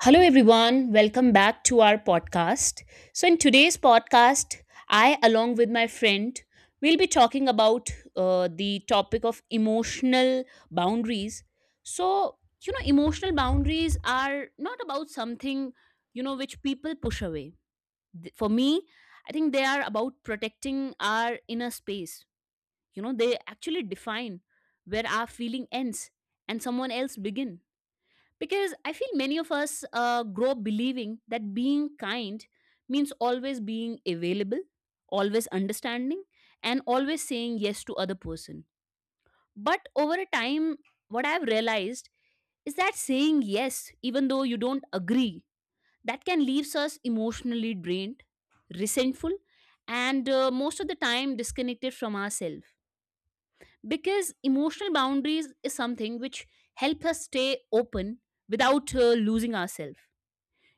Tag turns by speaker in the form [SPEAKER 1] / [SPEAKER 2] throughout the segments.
[SPEAKER 1] Hello, everyone. Welcome back to our podcast. So, in today's podcast, I, along with my friend, will be talking about the topic of emotional boundaries. So, emotional boundaries are not about something, which people push away. For me, I think they are about protecting our inner space. You know, they actually define where our feeling ends and someone else begin, because I feel many of us grow up believing that being kind means always being available, always understanding, and always saying yes to other person. But over a time, what I've realized is that saying yes, even though you don't agree, that can leaves us emotionally drained, resentful, and most of the time disconnected from ourselves. Because emotional boundaries is something which help us stay open without losing ourselves.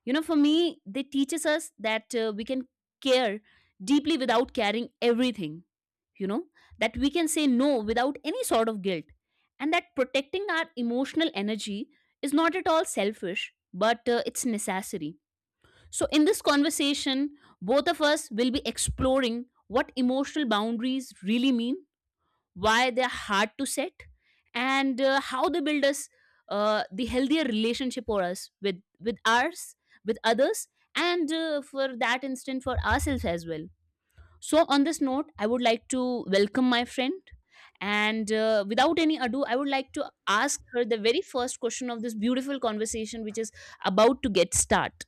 [SPEAKER 1] You know, for me, they teaches us that we can care deeply without carrying everything, you know, that we can say no without any sort of guilt, and that protecting our emotional energy is not at all selfish, but it's necessary. So, in this conversation, both of us will be exploring what emotional boundaries really mean, why they're hard to set, and how they build us the healthier relationship for us, with ours, with others, and for that instant for ourselves as well. So on this note, I would like to welcome my friend. And without any ado, I would like to ask her the very first question of this beautiful conversation, which is about to get start.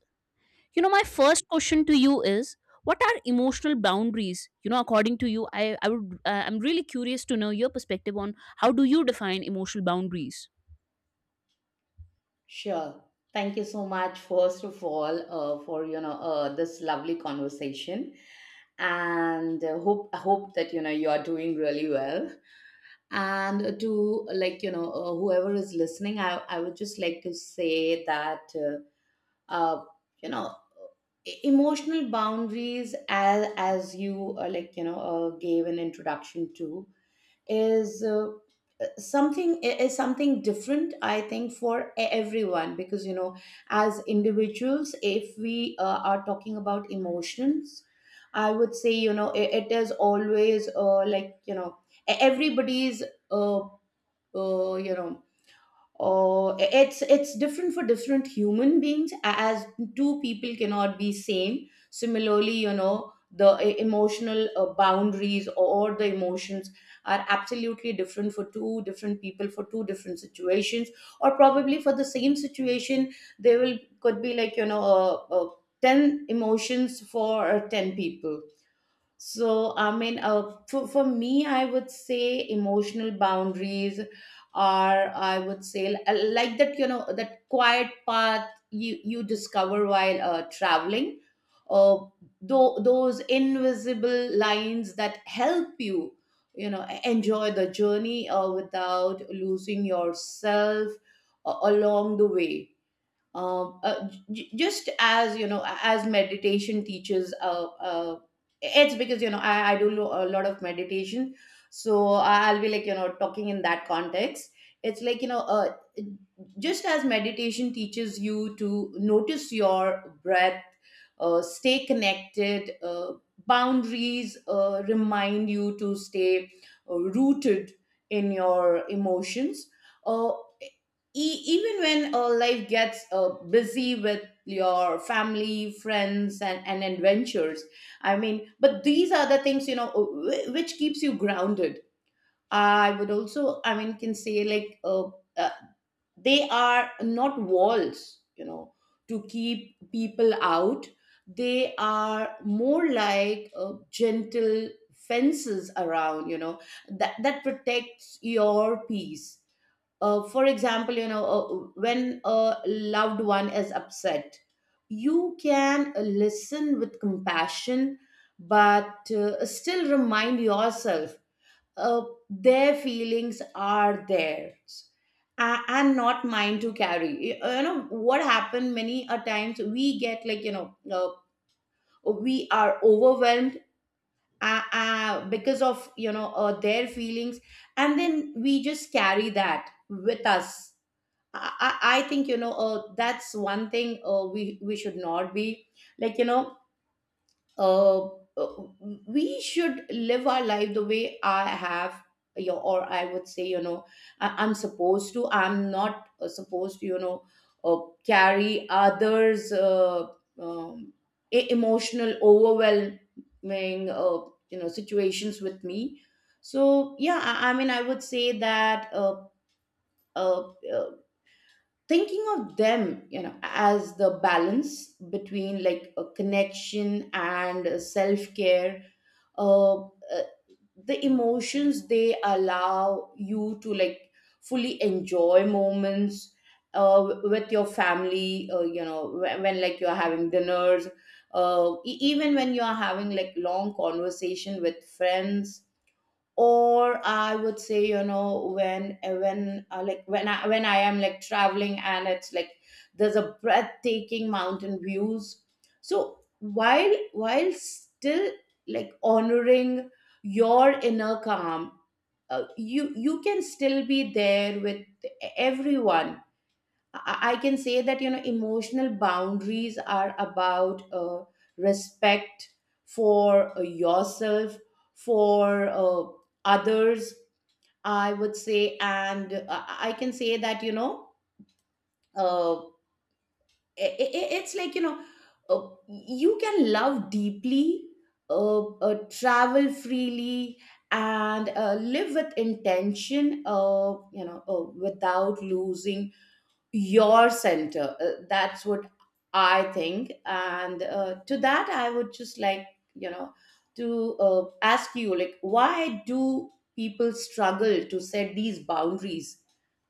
[SPEAKER 1] You know, my first question to you is, what are emotional boundaries? You know, according to you, I would I'm really curious to know your perspective on how do you define emotional boundaries?
[SPEAKER 2] Sure. Thank you so much, first of all, for this lovely conversation, and hope I hope that you are doing really well. And to whoever is listening, I would just like to say that uh, you know emotional boundaries, as you like you know gave an introduction to, is something different, I think, for everyone, because as individuals, if we are talking about emotions, I would say it is always everybody's, uh, uh, you know or it's different for different human beings, as two people cannot be same. Similarly, you know, the emotional boundaries or the emotions are absolutely different for two different people, for two different situations, or probably for the same situation there will could be 10 emotions for 10 people. I mean, for me, I would say emotional boundaries are, I would say, like that, you know, that quiet path you, you discover while traveling, uh, those invisible lines that help you, you know, enjoy the journey without losing yourself along the way. um, uh, j- just as as meditation teaches it's because I do a lot of meditation, so I'll be talking in that context. It's just as meditation teaches you to notice your breath, stay connected, boundaries remind you to stay rooted in your emotions. Uh, Even when life gets busy with your family, friends, and adventures, I mean, but these are the things, you know, which keeps you grounded. I would also, I mean, can say like uh, they are not walls, you know, to keep people out. They are more like gentle fences around, you know, that protects your peace. For example, when a loved one is upset, you can listen with compassion, but still remind yourself uh, their feelings are theirs and not mine to carry. You know what happened, many a times we get we are overwhelmed because of their feelings, and then we just carry that with us. I, I think, that's one thing we should not be, like you know uh, uh, we should live our life the way I have your, or I would say, you know, I'm supposed to, I'm not supposed to, uh, carry others um, emotional overwhelming situations with me. So yeah, I mean, I would say that uh, uh, thinking of them, you know, as the balance between like a connection and self-care. uh, uh, the emotions, they allow you to like fully enjoy moments with your family, you know, when like you're having dinners, even when you're having like long conversation with friends. Or I would say, you know, when when I am like traveling and it's like there's a breathtaking mountain views. So while still like honoring your inner calm, you you can still be there with everyone. I can say that, you know, emotional boundaries are about respect for yourself, for others. I would say, and I can say that, you know, uh, i i- it's like you know uh, you can love deeply, travel freely, and live with intention. Without losing your center. That's what I think. And to that, I would just like, you know, to ask you, like, why do people struggle to set these boundaries?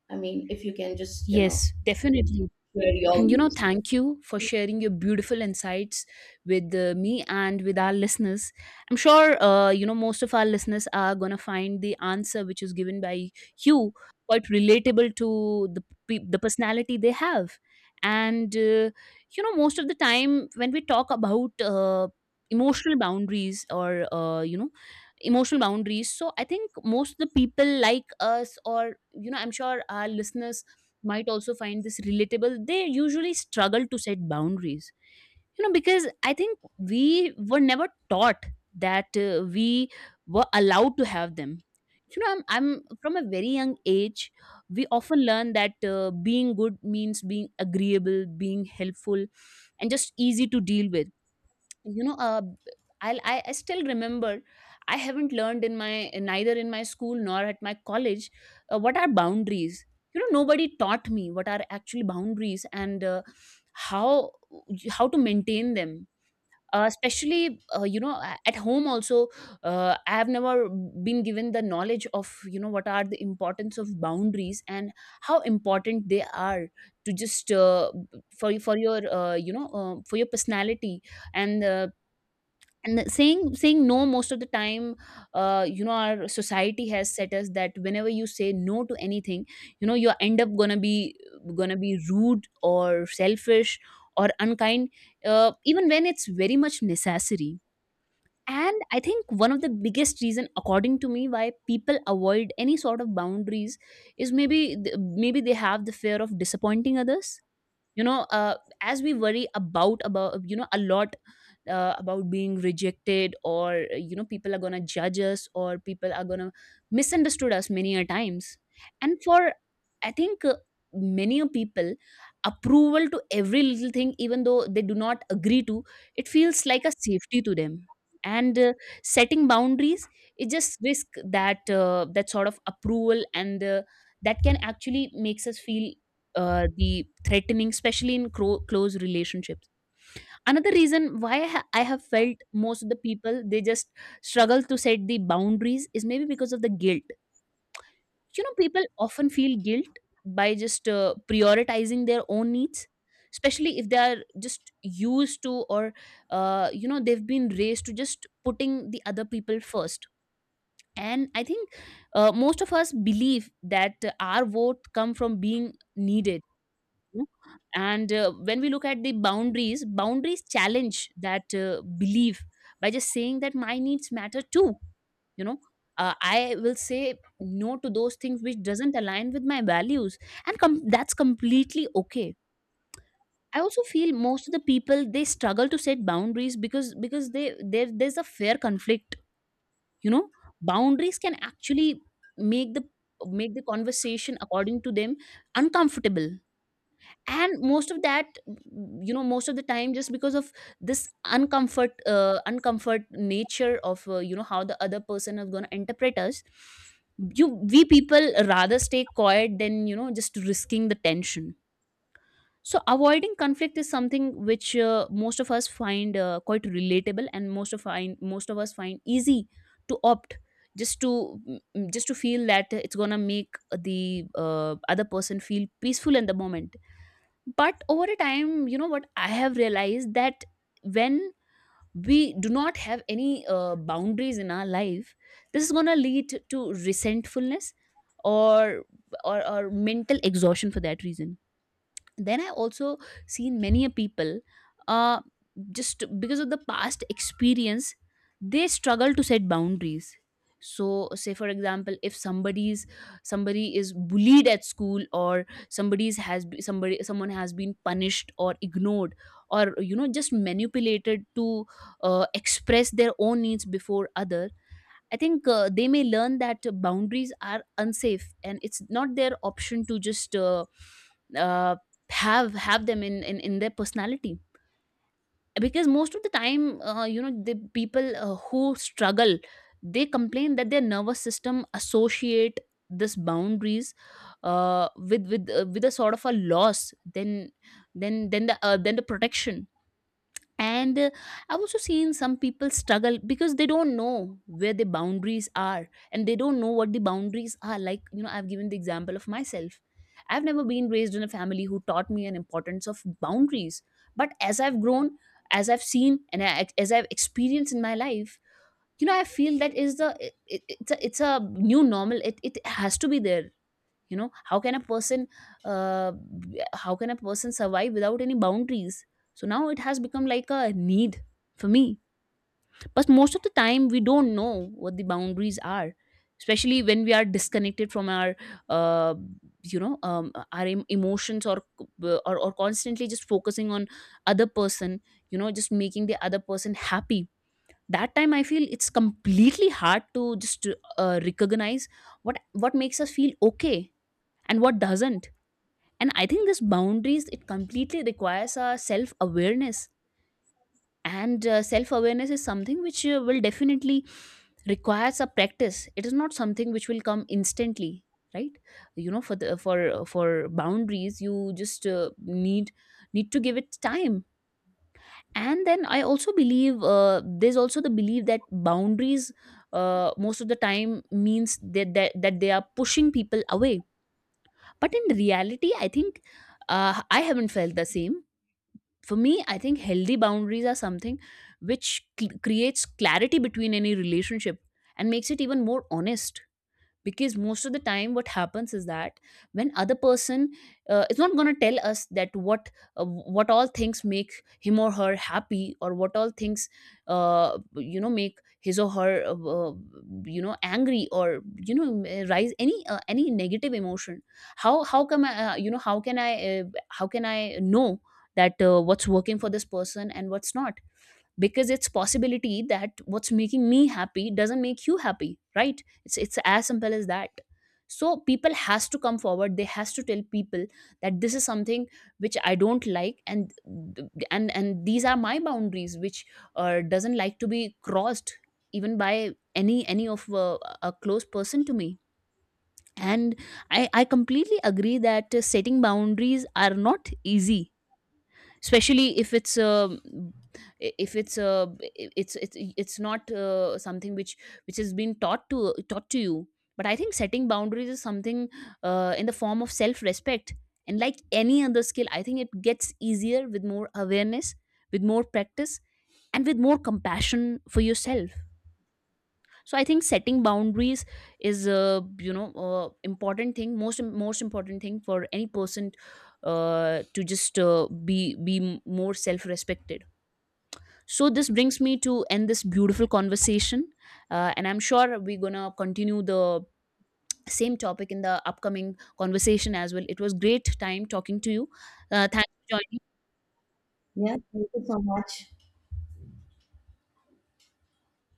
[SPEAKER 2] I mean, if you can just, you know,
[SPEAKER 1] Yes, definitely.
[SPEAKER 2] share your
[SPEAKER 1] You know,
[SPEAKER 2] views.
[SPEAKER 1] thank you for sharing your beautiful insights with me and with our listeners. I'm sure you know, most of our listeners are going to find the answer which is given by you quite relatable to the personality they have. And you know, most of the time when we talk about emotional boundaries or you know, emotional boundaries, so I think most of the people like us, or you know, I'm sure our listeners might also find this relatable. They usually struggle to set boundaries, you know, because I think we were never taught that we were allowed to have them. You know, I'm, from a very young age, we often learn that being good means being agreeable, being helpful, and just easy to deal with. You know I'll, I still remember, I haven't learned in my, neither in my school nor at my college, what are boundaries. You know, nobody taught me what are actually boundaries. And how how to maintain them, especially you know, at home also, I have never been given the knowledge of, you know, what are the importance of boundaries and how important they are to just for your you know for your personality. And saying no most of the time, you know, our society has set us that whenever you say no to anything, you know, you end up gonna be rude or selfish or unkind, even when it's very much necessary. And I think one of the biggest reason, according to me, why people avoid any sort of boundaries is maybe they have the fear of disappointing others. You know, as we worry about you know, a lot, about being rejected or you know, people are gonna judge us or people are gonna misunderstood us, many a times. And for, I think many a people, approval to every little thing, even though they do not agree to, it feels like a safety to them. And setting boundaries, it just risk that that sort of approval. And that can actually makes us feel the threatening, especially in close relationships. Another reason why I have felt most of the people they just struggle to set the boundaries is maybe because of the guilt. You know, people often feel guilt by just prioritizing their own needs, especially if they are just used to, or you know, they've been raised to just putting the other people first. And I think most of us believe that our worth come from being needed, know. And when we look at the boundaries, boundaries challenge that belief by just saying that my needs matter too. You know, I will say no to those things which doesn't align with my values, and that's completely okay. I also feel most of the people they struggle to set boundaries because they there there's a fair conflict. You know, boundaries can actually make the make the conversation, according to them, uncomfortable. And most of that, you know, most of the time, just because of this uncomfort, uncomfort nature of, you know, how the other person is going to interpret us, you we people rather stay quiet than, you know, just risking the tension. So avoiding conflict is something which most of us find quite relatable, and most of us find easy to opt, just to just to feel that it's going to make the other person feel peaceful in the moment. But over a time, you know, what I have realized, that when we do not have any boundaries in our life, this is going to lead to resentfulness, or, or mental exhaustion for that reason. Then I also seen many a people uh just because of the past experience they struggle to set boundaries. So say for example, if somebody is bullied at school, or somebody someone has been punished or ignored or, you know, just manipulated to express their own needs before others, I think they may learn that boundaries are unsafe, and it's not their option to just uh, have them in their personality. Because most of the time, you know, the people who struggle, they complain that their nervous system associate this boundaries with with a sort of a loss. Then the protection. And I've also seen some people struggle because they don't know where the boundaries are, and they don't know what the boundaries are. Like, you know, I've given the example of myself, I've never been raised in a family who taught me an importance of boundaries. But as I've grown, as I've seen, and as I've experienced in my life, you know, I feel that is the, it's a, it's a new normal, it has to be there. You know, how can a person how can a person survive without any boundaries? So now it has become like a need for me. But most of the time we don't know what the boundaries are, especially when we are disconnected from our uh, you know, our emotions, or constantly just focusing on other person, you know, just making the other person happy. That time I feel it's completely hard to just recognize what what makes us feel okay and what doesn't. And I think this boundaries, it completely requires our self awareness. And self awareness is something which will definitely requires a practice. It is not something which will come instantly, right? You know, for the for boundaries, you just need need to give it time. And then I also believe there's also the belief that boundaries most of the time means that that they are pushing people away. But in reality, I think I haven't felt the same. For me, I think healthy boundaries are something which creates clarity between any relationship and makes it even more honest. Because most of the time what happens is that when other person is not going to tell us that what, what all things make him or her happy, or what all things you know, make his or her you know, angry, or you know, rise any negative emotion, how you know, how can I, how can I know that what's working for this person and what's not? Because it's possibility that what's making me happy doesn't make you happy, right? It's as simple as that. So people has to come forward, they has to tell people that this is something which I don't like, and and these are my boundaries which doesn't like to be crossed, even by any of a close person to me. And I completely agree that setting boundaries are not easy, especially if it's a if it's a, it's it's not something which has been taught to you. But I think setting boundaries is something in the form of self respect. And like any other skill, I think it gets easier with more awareness, with more practice, and with more compassion for yourself. So I think setting boundaries is a, you know, important thing, most important thing for any person to just be more self respected. So this brings me to end this beautiful conversation. And I'm sure we're going to continue the same topic in the upcoming conversation as well. It was great time talking to you. Thanks for joining.
[SPEAKER 2] Yeah, thank you so much.